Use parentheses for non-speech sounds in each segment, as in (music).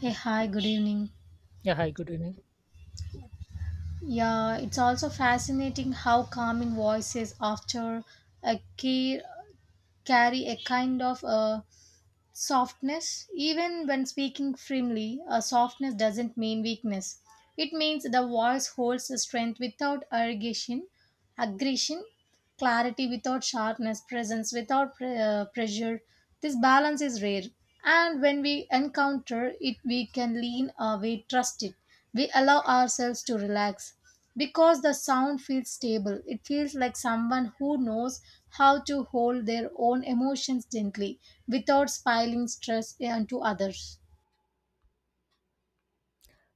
Hey, hi, good evening. Yeah, hi, good evening. Yeah, it's also fascinating how calming voices after a care carry a kind of a softness. Even when speaking firmly, a softness doesn't mean weakness. It means the voice holds the strength without aggression, clarity without sharpness, presence without pressure. This balance is rare, and when we encounter it, we can lean or we trust it. We allow ourselves to relax because the sound feels stable. It feels like someone who knows how to hold their own emotions gently without spilling stress onto others.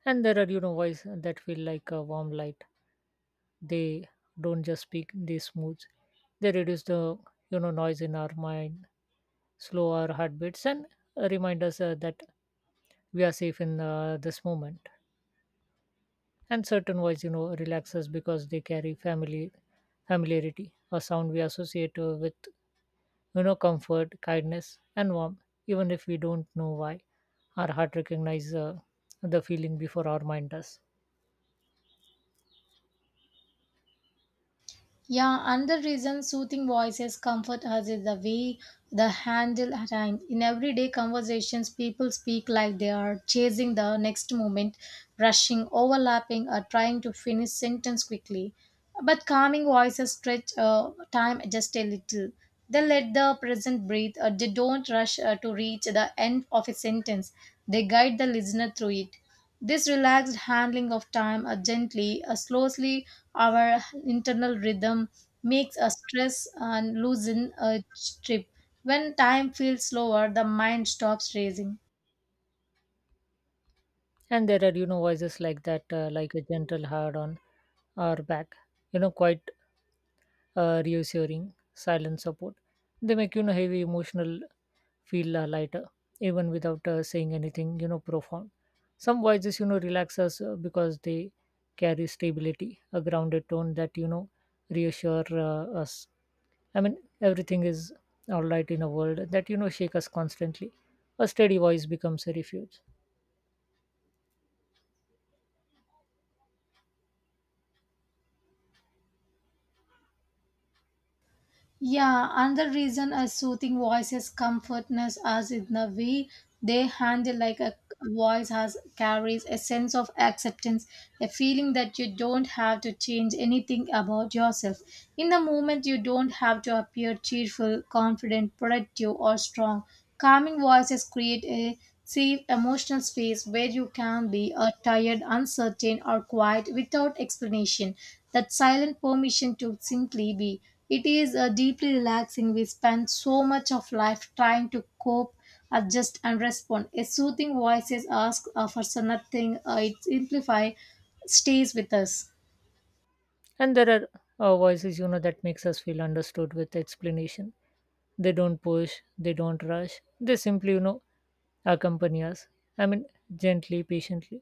And there are voice that feel like a warm light. They don't just speak, they smooth. They reduce the noise in our mind, slow our heartbeats, and remind us that we are safe in this moment. And certain voice relax us because they carry familiarity, a sound we associate with comfort, kindness, and warmth, even if we don't know why. Our heart recognizes the feeling before our mind does. Yeah, another reason soothing voices comfort us is the way the handle time. In everyday conversations, people speak like they are chasing the next moment, rushing, overlapping, or trying to finish sentence quickly. But calming voices stretch time just a little. They let the present breathe. They don't rush to reach the end of a sentence. They guide the listener through it. This relaxed handling of time gently, slowly, our internal rhythm makes us stress and loosen a trip. When time feels slower, the mind stops racing. And there are voices like that, like a gentle hard on our back, quite reassuring silent support. They make heavy emotional feel lighter, even without saying anything profound. Some voices relax us because they carry stability, a grounded tone that reassure us. I mean, everything is all right in a world that shake us constantly. A steady voice becomes a refuge. Yeah, another reason a soothing voice is comfortness as in the way they handle like a voice has carries a sense of acceptance, a feeling that you don't have to change anything about yourself. In the moment you don't have to appear cheerful, confident, productive or strong. Calming voices create a safe emotional space where you can be tired, uncertain or quiet without explanation. That silent permission to simply be. It is deeply relaxing. We spend so much of life trying to cope, adjust, and respond. A soothing voice is asked for so nothing. It simplify stays with us. And there are voices that makes us feel understood with explanation. They don't push, they don't rush, they simply accompany us, I mean, gently, patiently.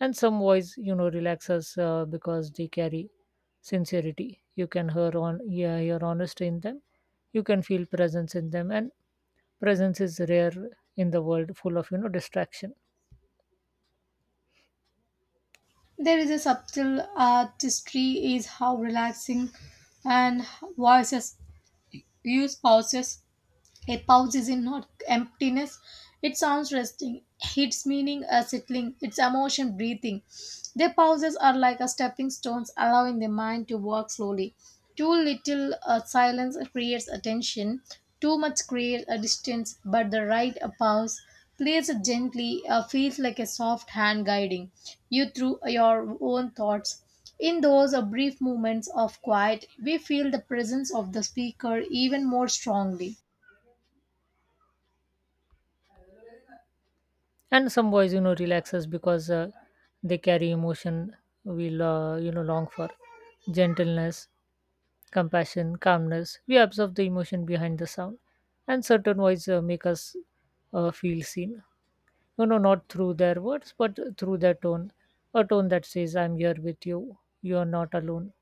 And some voice relax us because they carry sincerity. You can hear hear honesty in them. You can feel presence in them, and presence is rare in the world full of distraction. There is a subtle artistry is how relaxing and voices use pauses. A pause is in not emptiness. It sounds resting. Its meaning a settling. Its emotion breathing. Their pauses are like a stepping stones, allowing the mind to walk slowly. Too little silence creates attention. Too much creates a distance. But the right pause placed gently, feels like a soft hand guiding you through your own thoughts. In those brief moments of quiet, we feel the presence of the speaker even more strongly. And some boys relax us because they carry emotion we'll long for gentleness, compassion, calmness. We observe the emotion behind the sound. And certain voices make us feel seen, not through their words but through their tone, a tone that says, I'm here with you, you are not alone.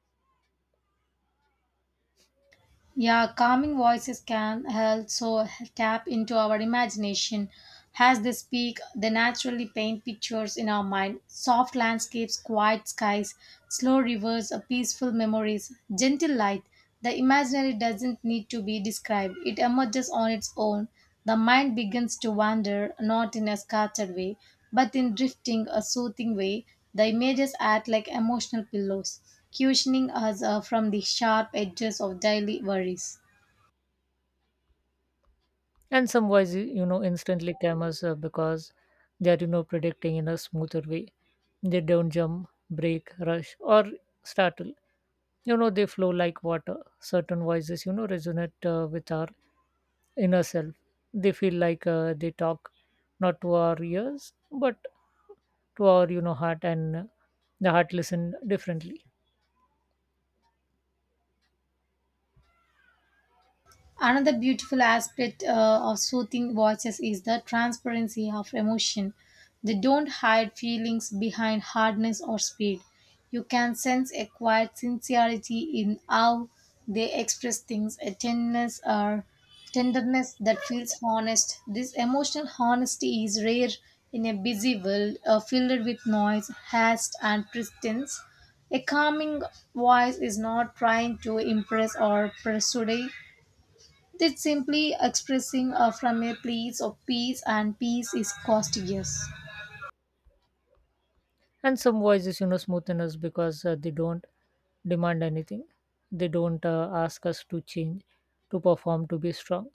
Yeah, calming voices can also tap into our imagination. As they speak, they naturally paint pictures in our mind soft landscapes, quiet skies, slow rivers, peaceful memories, gentle light. The imaginary doesn't need to be described, it emerges on its own. The mind begins to wander, not in a scattered way, but in drifting, a soothing way. The images act like emotional pillows cushioning us from the sharp edges of daily worries. And some voices instantly calm us because they are predicting in a smoother way. They don't jump, break, rush, or startle. They flow like water. Certain voices resonate with our inner self. They feel like they talk not to our ears, but to our heart. And the heart listen differently. Another beautiful aspect of soothing voices is the transparency of emotion. They don't hide feelings behind hardness or speed. You can sense a quiet sincerity in how they express things, a tenderness or tenderness that feels honest. This emotional honesty is rare in a busy world filled with noise, haste, and pretense. A calming voice is not trying to impress or persuade, that's simply expressing from a place of peace, and peace is costliest. And some voices smoothen us because they don't demand anything. They don't ask us to change, to perform, to be strong.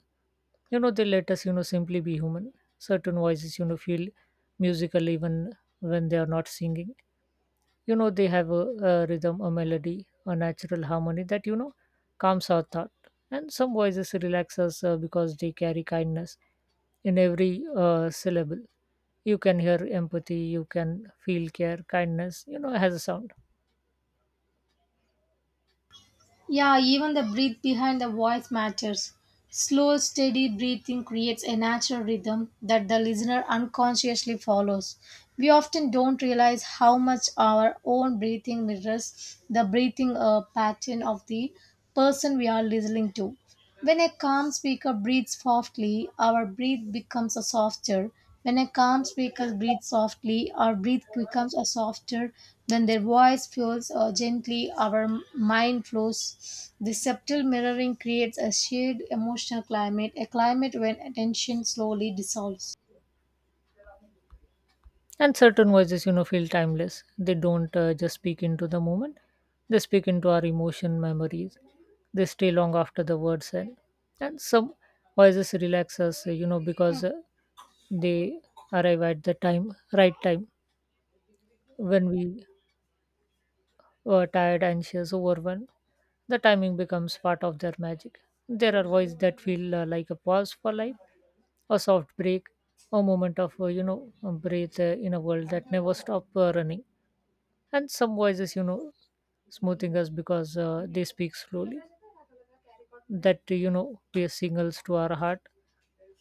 They let us simply be human. Certain voices feel musical even when they are not singing. They have a rhythm, a melody, a natural harmony that calms our thought. And some voices relax us because they carry kindness in every syllable. You can hear empathy, you can feel care. Kindness has a sound. Yeah, even the breath behind the voice matters. Slow, steady breathing creates a natural rhythm that the listener unconsciously follows. We often don't realize how much our own breathing mirrors the breathing pattern of the person we are listening to. When a calm speaker breathes softly, our breath becomes a softer. When a calm speaker breathes softly, our breath becomes a softer. When their voice flows gently, our mind flows. This subtle mirroring creates a shared emotional climate, a climate when attention slowly dissolves. And certain voices feel timeless. They don't just speak into the moment, they speak into our emotion memories. They stay long after the words end. And some voices relax us because they arrive at the right time, when we were tired, anxious, overwhelmed. The timing becomes part of their magic. There are voices that feel like a pause for life, a soft break, a moment of breathe in a world that never stop running. And some voices smoothing us because they speak slowly. That they signals to our heart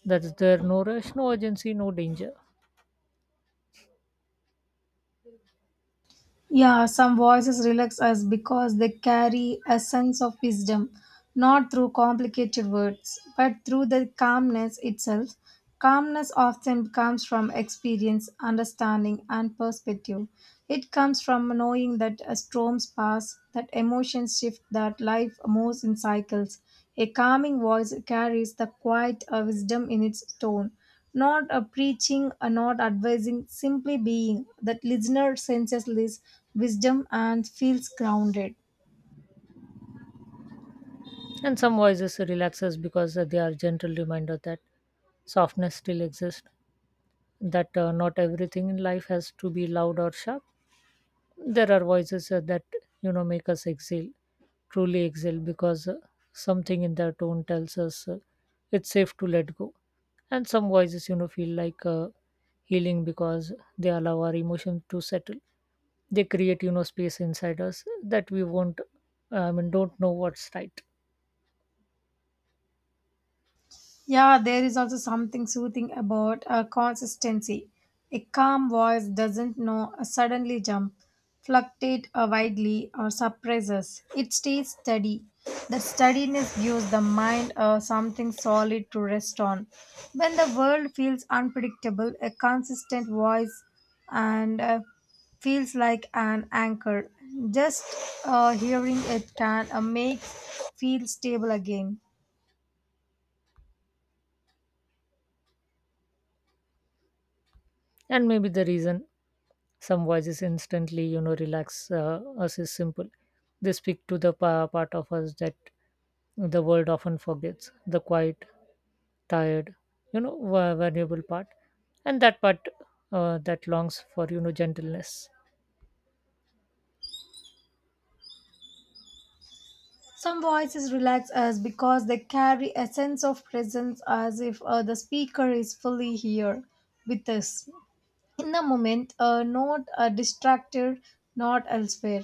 that there no rush, no urgency, no danger. Yeah, some voices relax us because they carry a sense of wisdom, not through complicated words, but through the calmness itself. Calmness often comes from experience, understanding, and perspective. It comes from knowing that a storms pass, that emotions shift, that life moves. A calm voice is the quiet wisdom in its tone, not preaching, advising, simply being. That listener senses this wisdom and feels grounded. And some voices relax us because they are gentle reminder that softness still exists, that not everything in life has to be loud or sharp. There are voices that make us exhale, truly exhale, because something in their tone tells us it's safe to let go. And some voices feel like healing because they allow our emotions to settle. They create space inside us that we won't, I mean, don't know what's right. Yeah, there is also something soothing about a consistency. A calm voice doesn't know a suddenly jump, fluctuate widely, or surprises. It stays steady. The steadiness gives the mind something solid to rest on. When the world feels unpredictable, a consistent voice and feels like an anchor. Just hearing it can make feel stable again. And maybe the reason some voices instantly relax us is simple. They speak to the part of us that the world often forgets, the quiet, tired vulnerable part, and that part that longs for gentleness. Some voices relax us because they carry a sense of presence as if the speaker is fully here with us in the moment, not distracted, not elsewhere,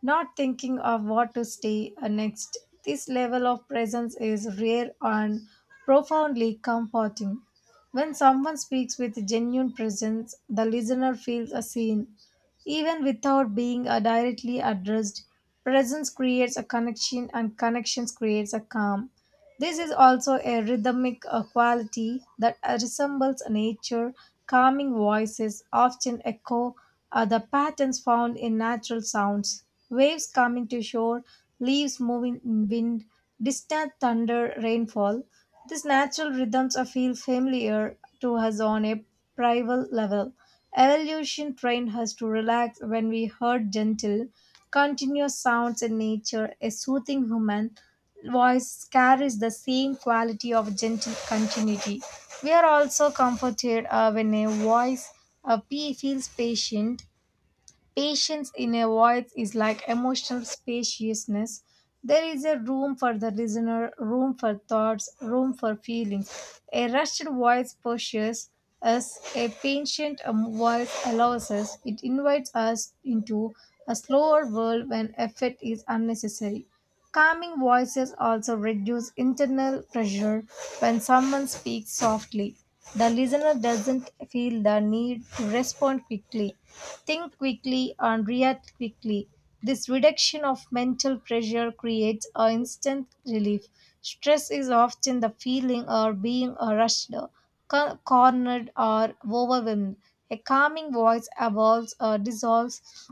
not thinking of what to say next. This level of presence is rare and profoundly comforting. When someone speaks with genuine presence, the listener feels a seen. Even without being directly addressed, presence creates a connection and connections creates a calm. This is also a rhythmic quality that resembles nature. Calming voices often echo the patterns found in natural sounds. Waves coming to shore, leaves moving in wind, distant thunder, rainfall. These natural rhythms are feel familiar to us on a primal level. Evolution trained us to relax when we heard gentle, continuous sounds in nature, a soothing human voice carries the same quality of gentle continuity. We are also comforted when a voice a P feels patient. Patience in a voice is like emotional spaciousness. There is a room for the listener, room for thoughts, room for feelings. A rushed voice pushes us, a patient voice allows us. It invites us into a slower world when effort is unnecessary. Calming voices also reduce internal pressure when someone speaks softly. The listener doesn't feel the need to respond quickly, think quickly, and react quickly. This reduction of mental pressure creates an instant relief. Stress is often the feeling of being rushed, cornered, or overwhelmed. A calming voice evolves or dissolves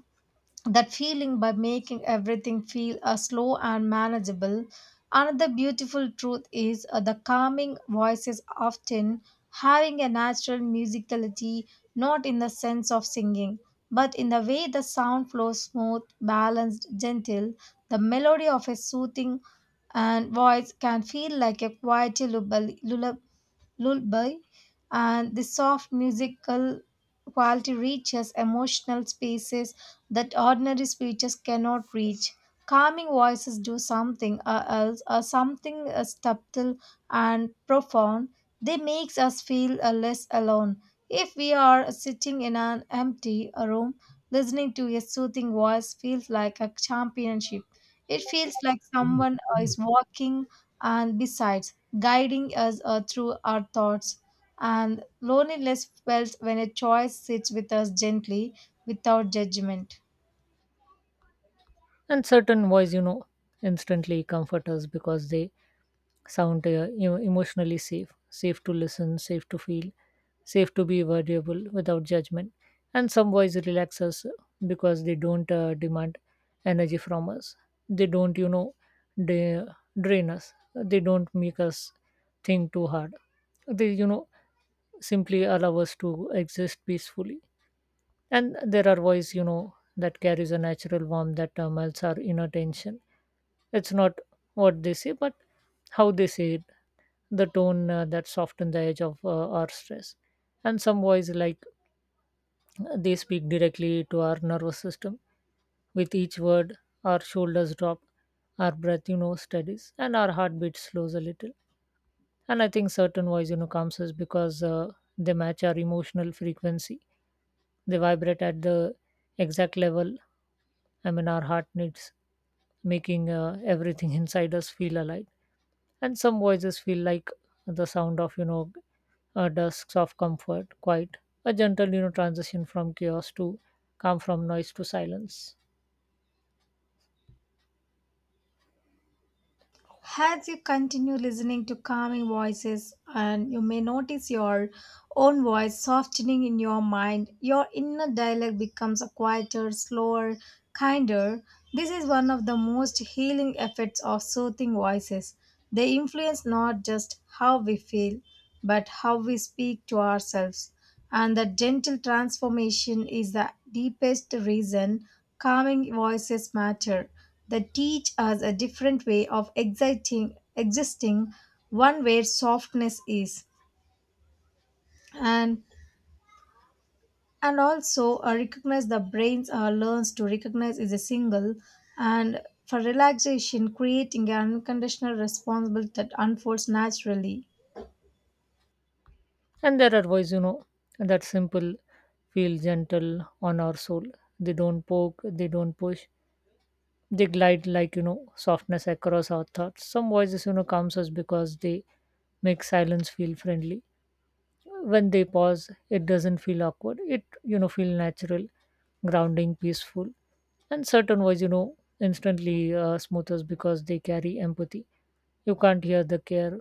that feeling by making everything feel slow and manageable. Another beautiful truth is the calming voices often having a natural musicality, not in the sense of singing, but in the way the sound flows smooth, balanced, gentle. The melody of a soothing and voice can feel like a quiet lullaby, lullaby and the soft musical quality reaches emotional spaces that ordinary speeches cannot reach. Calming voices do something else, something subtle and profound. They makes us feel less alone. If we are sitting in an empty room, listening to a soothing voice feels like a championship. It feels like someone is walking and besides guiding us through our thoughts. And loneliness felt when a choice sits with us gently without judgment. And certain voice instantly comfort us because they sound emotionally safe, safe to listen, safe to feel, safe to be variable without judgment. And some voice relax us because they don't demand energy from us. They don't they drain us. They don't make us think too hard, they simply allow us to exist peacefully. And there are voice that carries a natural warmth that melts our inner tension. It's not what they say but how they say it, the tone that softens the edge of our stress. And some voice like they speak directly to our nervous system. With each word, our shoulders drop, our breath steadies, and our heartbeat slows a little. And I think certain voice comes us because they match our emotional frequency. They vibrate at the exact level. I mean, our heart needs, making everything (laughs) inside us feel alive. And some voices feel like the sound of dusks of comfort, quiet, a gentle transition from chaos to calm, from noise to silence. As you continue listening to calming voices, and you may notice your own voice softening in your mind, your inner dialogue becomes a quieter, slower, kinder. This is one of the most healing effects of soothing voices. They influence not just how we feel, but how we speak to ourselves. And the gentle transformation is the deepest reason calming voices matter that teach us a different way of existing, existing one where softness is and and also recognize the brains learns to recognize is a single and for relaxation creating an unconditional responsibility that unfolds naturally. And there are voices that simple feel gentle on our soul. They don't poke, they don't push, they glide like softness across our thoughts. Some voices calms us because they make silence feel friendly. When they pause, it doesn't feel awkward, it feel natural, grounding, peaceful. And certain voice instantly smoothers because they carry empathy. You can't hear the care,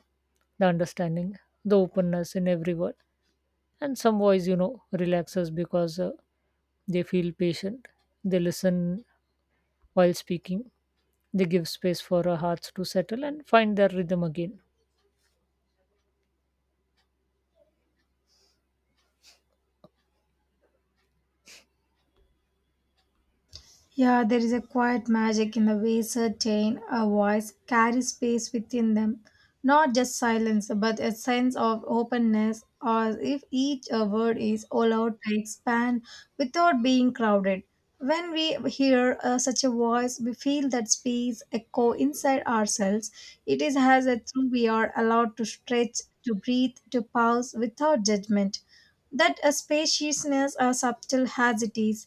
the understanding, the openness in every word. And some voice relaxes because they feel patient. They listen while speaking. They give space for our hearts to settle and find their rhythm again. Yeah, there is a quiet magic in the way certain a voice carries space within them, not just silence, but a sense of openness, as if each word is allowed to expand without being crowded. When we hear such a voice, we feel that space echo inside ourselves. It is as a through we are allowed to stretch, to breathe, to pause without judgment. That a spaciousness, subtle as it is,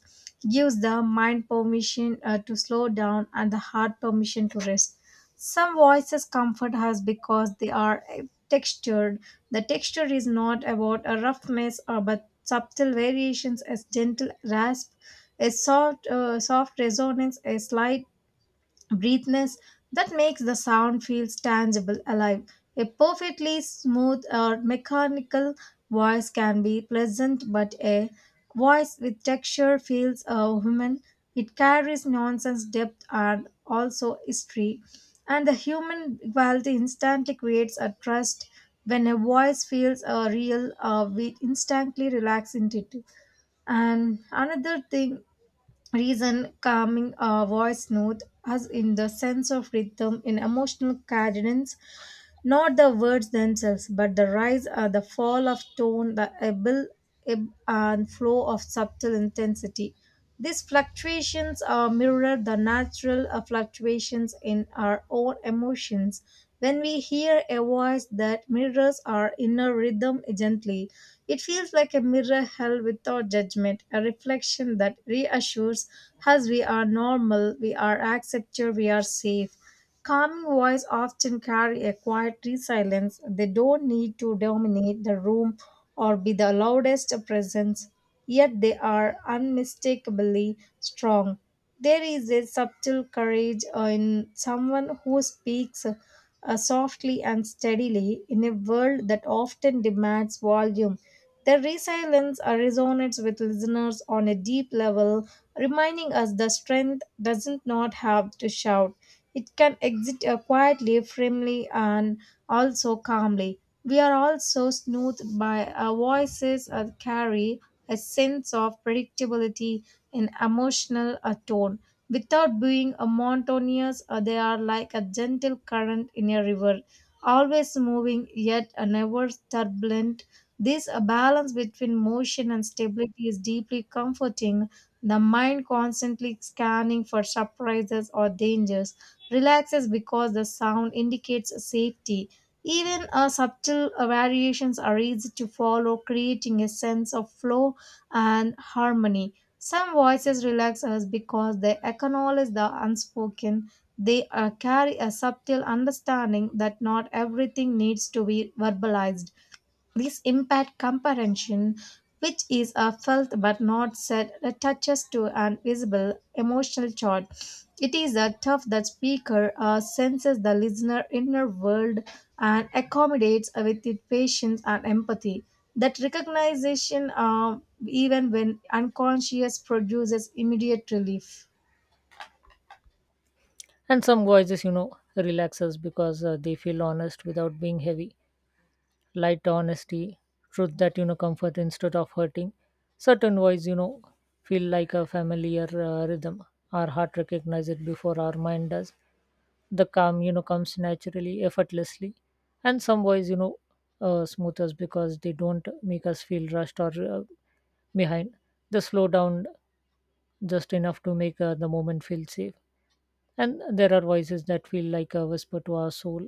gives the mind permission to slow down and the heart permission to rest. Some voices comfort us because they are textured. The texture is not about a roughness or but subtle variations, as gentle rasp, a soft resonance, a slight breathness that makes the sound feels tangible, alive. A perfectly smooth or mechanical voice can be pleasant, but a voice with texture feels human. It carries nonsense depth and also history. And the human quality instantly creates a trust. When a voice feels real, we instantly relax into it. And another thing reason calming voice note us in the sense of rhythm in emotional cadence, not the words themselves, but the rise or the fall of tone, the ebb and flow of subtle intensity. These fluctuations are mirror the natural fluctuations in our own emotions. When we hear a voice that mirrors our inner rhythm gently, it feels like a mirror held without judgment, a reflection that reassures us we are normal, we are accepted, we are safe. Calming voices often carry a quietly silence. They don't need to dominate the room or be the loudest presence, yet they are unmistakably strong. There is a subtle courage in someone who speaks softly and steadily in a world that often demands volume. Their resilience resonates with listeners on a deep level, reminding us the strength doesn't not have to shout. It can exit quietly, firmly, and also calmly. We are also smoothed by our voices that carry a sense of predictability and emotional tone. Without being a monotonous, they are like a gentle current in a river, always moving yet never turbulent. This balance between motion and stability is deeply comforting, the mind constantly scanning for surprises or dangers relaxes because the sound indicates safety. Even subtle variations are easy to follow, creating a sense of flow and harmony. Some voices relax us because they acknowledge the unspoken. They carry a subtle understanding that not everything needs to be verbalized. This impact comprehension, which is a felt but not said, touches to an visible emotional chord. It is a tough that speaker senses the listener inner world and accommodates with it patience and empathy. That recognition, even when unconscious, produces immediate relief. And some voices relaxes because they feel honest without being heavy, light honesty, truth that comfort instead of hurting. Certain voice feel like a familiar rhythm. Our heart recognize it before our mind does. The calm comes naturally, effortlessly. And some voice smooth us because they don't make us feel rushed or behind. They slow down just enough to make the moment feel safe. And there are voices that feel like a whisper to our soul.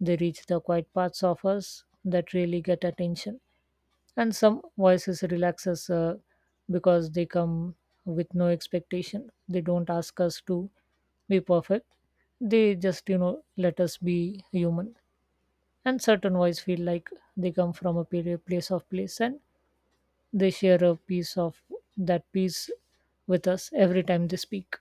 They reach the quiet parts of us that really get attention. And some voices relaxes because they come with no expectation. They don't ask us to be perfect, they just let us be human. And certain voice feel like they come from a period place of place, and they share a piece of that piece with us every time they speak.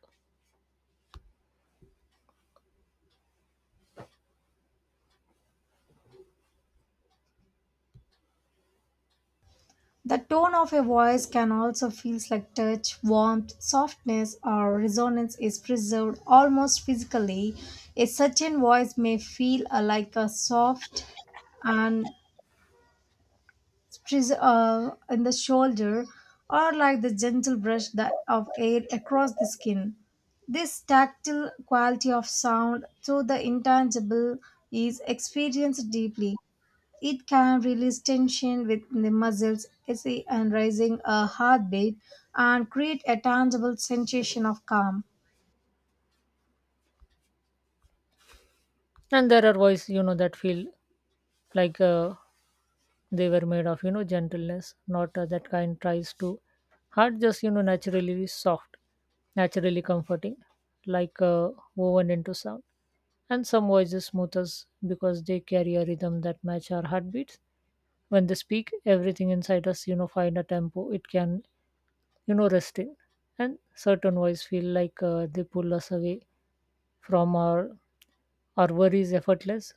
The tone of a voice can also feel like touch, warmth, softness, or resonance is preserved almost physically. A certain voice may feel like a soft and in the shoulder, or like the gentle brush that of air across the skin. This tactile quality of sound through the intangible is experienced deeply. It can release tension within the muscles, easy and raising a heartbeat, and create a tangible sensation of calm. And there are voice that feel like they were made of gentleness, not that kind tries to hard, just naturally soft, naturally comforting, like woven into sound. And some voices smooth us because they carry a rhythm that match our heartbeats. When they speak, everything inside us find a tempo it can rest in. And certain voice feel like they pull us away from our worries effortless,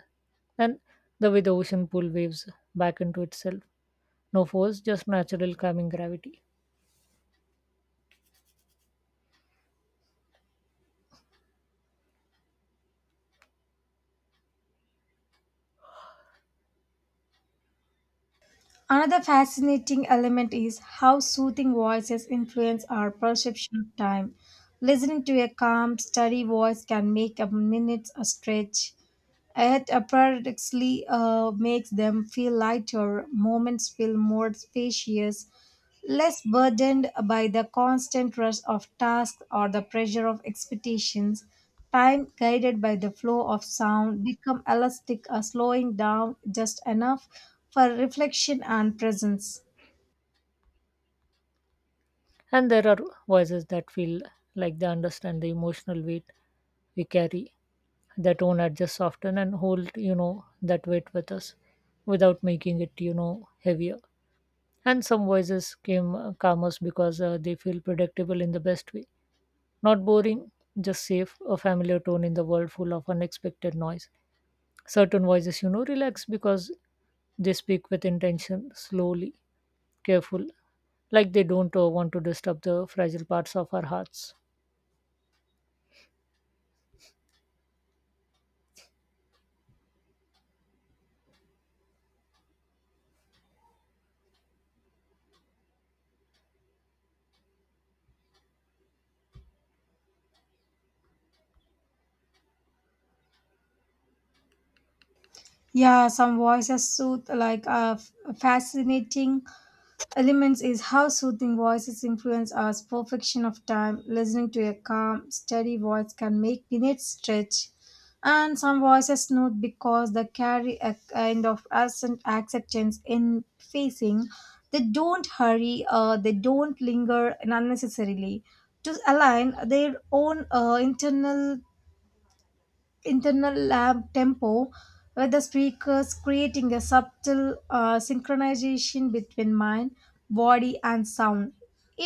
and the way the ocean pull waves back into itself, no force, just natural calming gravity. Another fascinating element is how soothing voices influence our perception of time. Listening to a calm, steady voice can make a minute a stretch. It paradoxically makes them feel lighter, moments feel more spacious, less burdened by the constant rush of tasks or the pressure of expectations. Time guided by the flow of sound become elastic, slowing down just enough for reflection and presence. And there are voices that feel like they understand the emotional weight we carry. Their tone adjusts often and hold that weight with us without making it heavier. And some voices came calm us because they feel predictable in the best way. Not boring, just safe, a familiar tone in the world full of unexpected noise. Certain voices relax because they speak with intention, slowly, careful, like they don't want to disturb the fragile parts of our hearts. Yeah, some voices soothe like fascinating. Elements is how soothing voices influence our perfection of time. Listening to a calm, steady voice can make minutes stretch. And some voices note because they carry a kind of accent acceptance in facing. They don't hurry, they don't linger unnecessarily to align their own internal lab tempo with the speakers, creating a subtle synchronization between mind, body, and sound.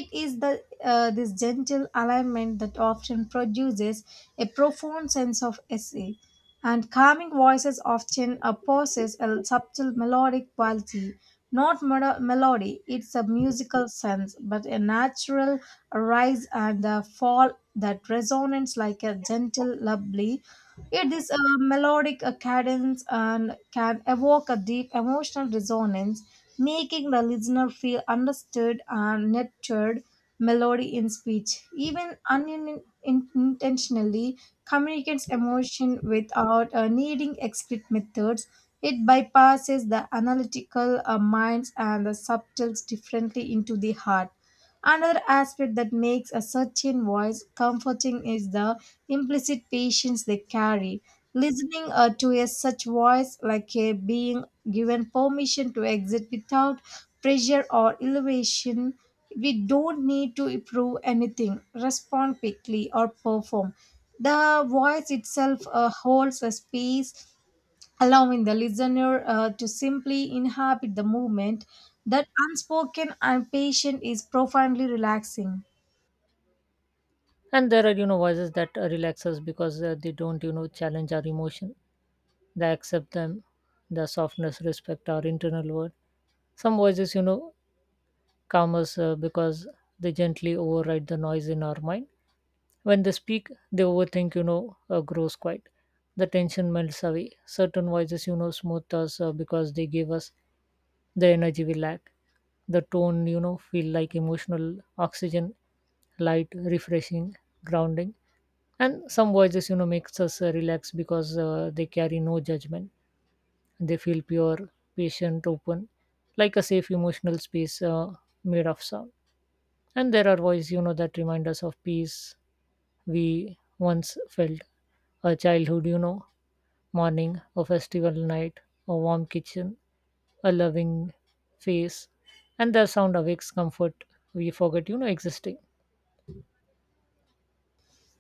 It is the this gentle alignment that often produces a profound sense of essay. And calming voices often possess a subtle melodic quality, not melody it's a musical sense but a natural rise and a fall that resonates like a gentle lullaby. It is a melodic cadence and can evoke a deep emotional resonance, making the listener feel understood and nurtured. Melody in speech, even unintentionally, communicates emotion without needing explicit methods. It bypasses the analytical minds and the subtles differently into the heart. Another aspect that makes a certain voice comforting is the implicit patience they carry. Listening to a such voice, like a being given permission to exit without pressure or elevation, we don't need to prove anything, respond quickly, or perform. The voice itself holds a space, allowing the listener to simply inhabit the movement. That unspoken and patient is profoundly relaxing. And there are voices that relax us because they don't challenge our emotion, they accept them. Their softness respect our internal world. Some voices calm us because they gently override the noise in our mind. When they speak, they overthink grows quiet, the tension melts away. Certain voices smooth us because they give us the energy we lack. The tone feel like emotional oxygen, light, refreshing, grounding. And some voices makes us relax because they carry no judgment. They feel pure, patient, open, like a safe emotional space made of sound. And there are voices that remind us of peace we once felt, a childhood morning, a festival night, a warm kitchen, a loving face, and their sound awakes comfort we forget existing.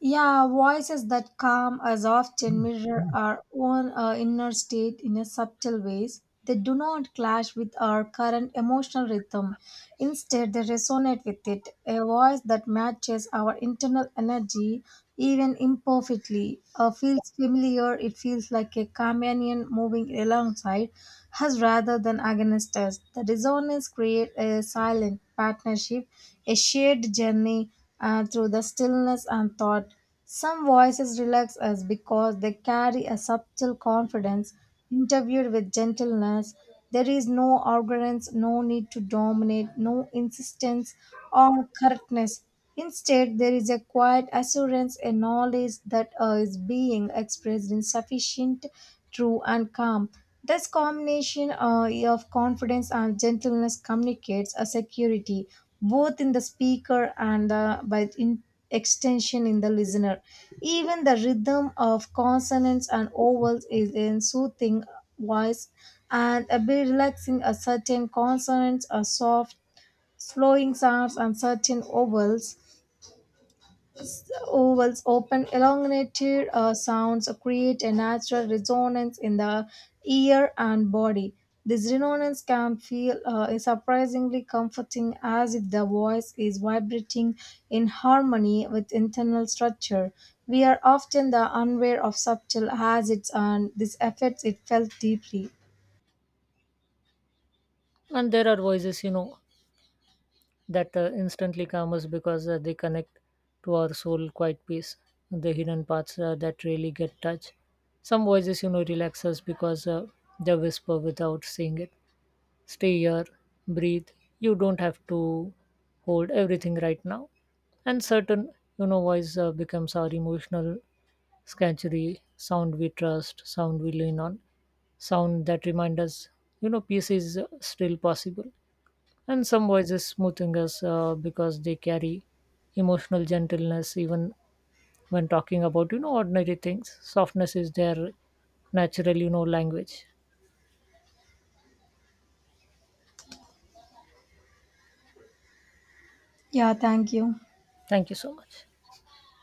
Yeah, voices that calm us often mirror our own inner state in a subtle ways. They do not clash with our current emotional rhythm. Instead, they resonate with it. A voice that matches our internal energy, even imperfectly, feels familiar. It feels like a companion moving alongside us rather than against us. The resonance creates a silent partnership, a shared journey through the stillness and thought. Some voices relax us because they carry a subtle confidence, interviewed with gentleness. There is no arrogance, no need to dominate, no insistence on correctness. Instead, there is a quiet assurance, a knowledge that is being expressed in sufficient, true, and calm. This combination of confidence and gentleness communicates a security both in the speaker and the, by in extension in the listener. Even the rhythm of consonants and vowels is in soothing voice and a bit relaxing. A certain consonants are soft, flowing sounds, and certain vowels ovals open elongated sounds create a natural resonance in the ear and body. This resonance can feel surprisingly comforting, as if the voice is vibrating in harmony with internal structure. We are often the unaware of subtle hazards and this affects it felt deeply. And there are voices that instantly calm us because they connect to our soul quiet peace, the hidden parts that really get touched. Some voices relax us because they whisper without saying it: stay here, breathe, you don't have to hold everything right now. And certain voice becomes our emotional sanctuary, sound we trust, sound we lean on, sound that remind us peace is still possible. And some voices smoothing us because they carry emotional gentleness, even when talking about ordinary things. Softness is their natural language. Yeah, thank you. Thank you so much.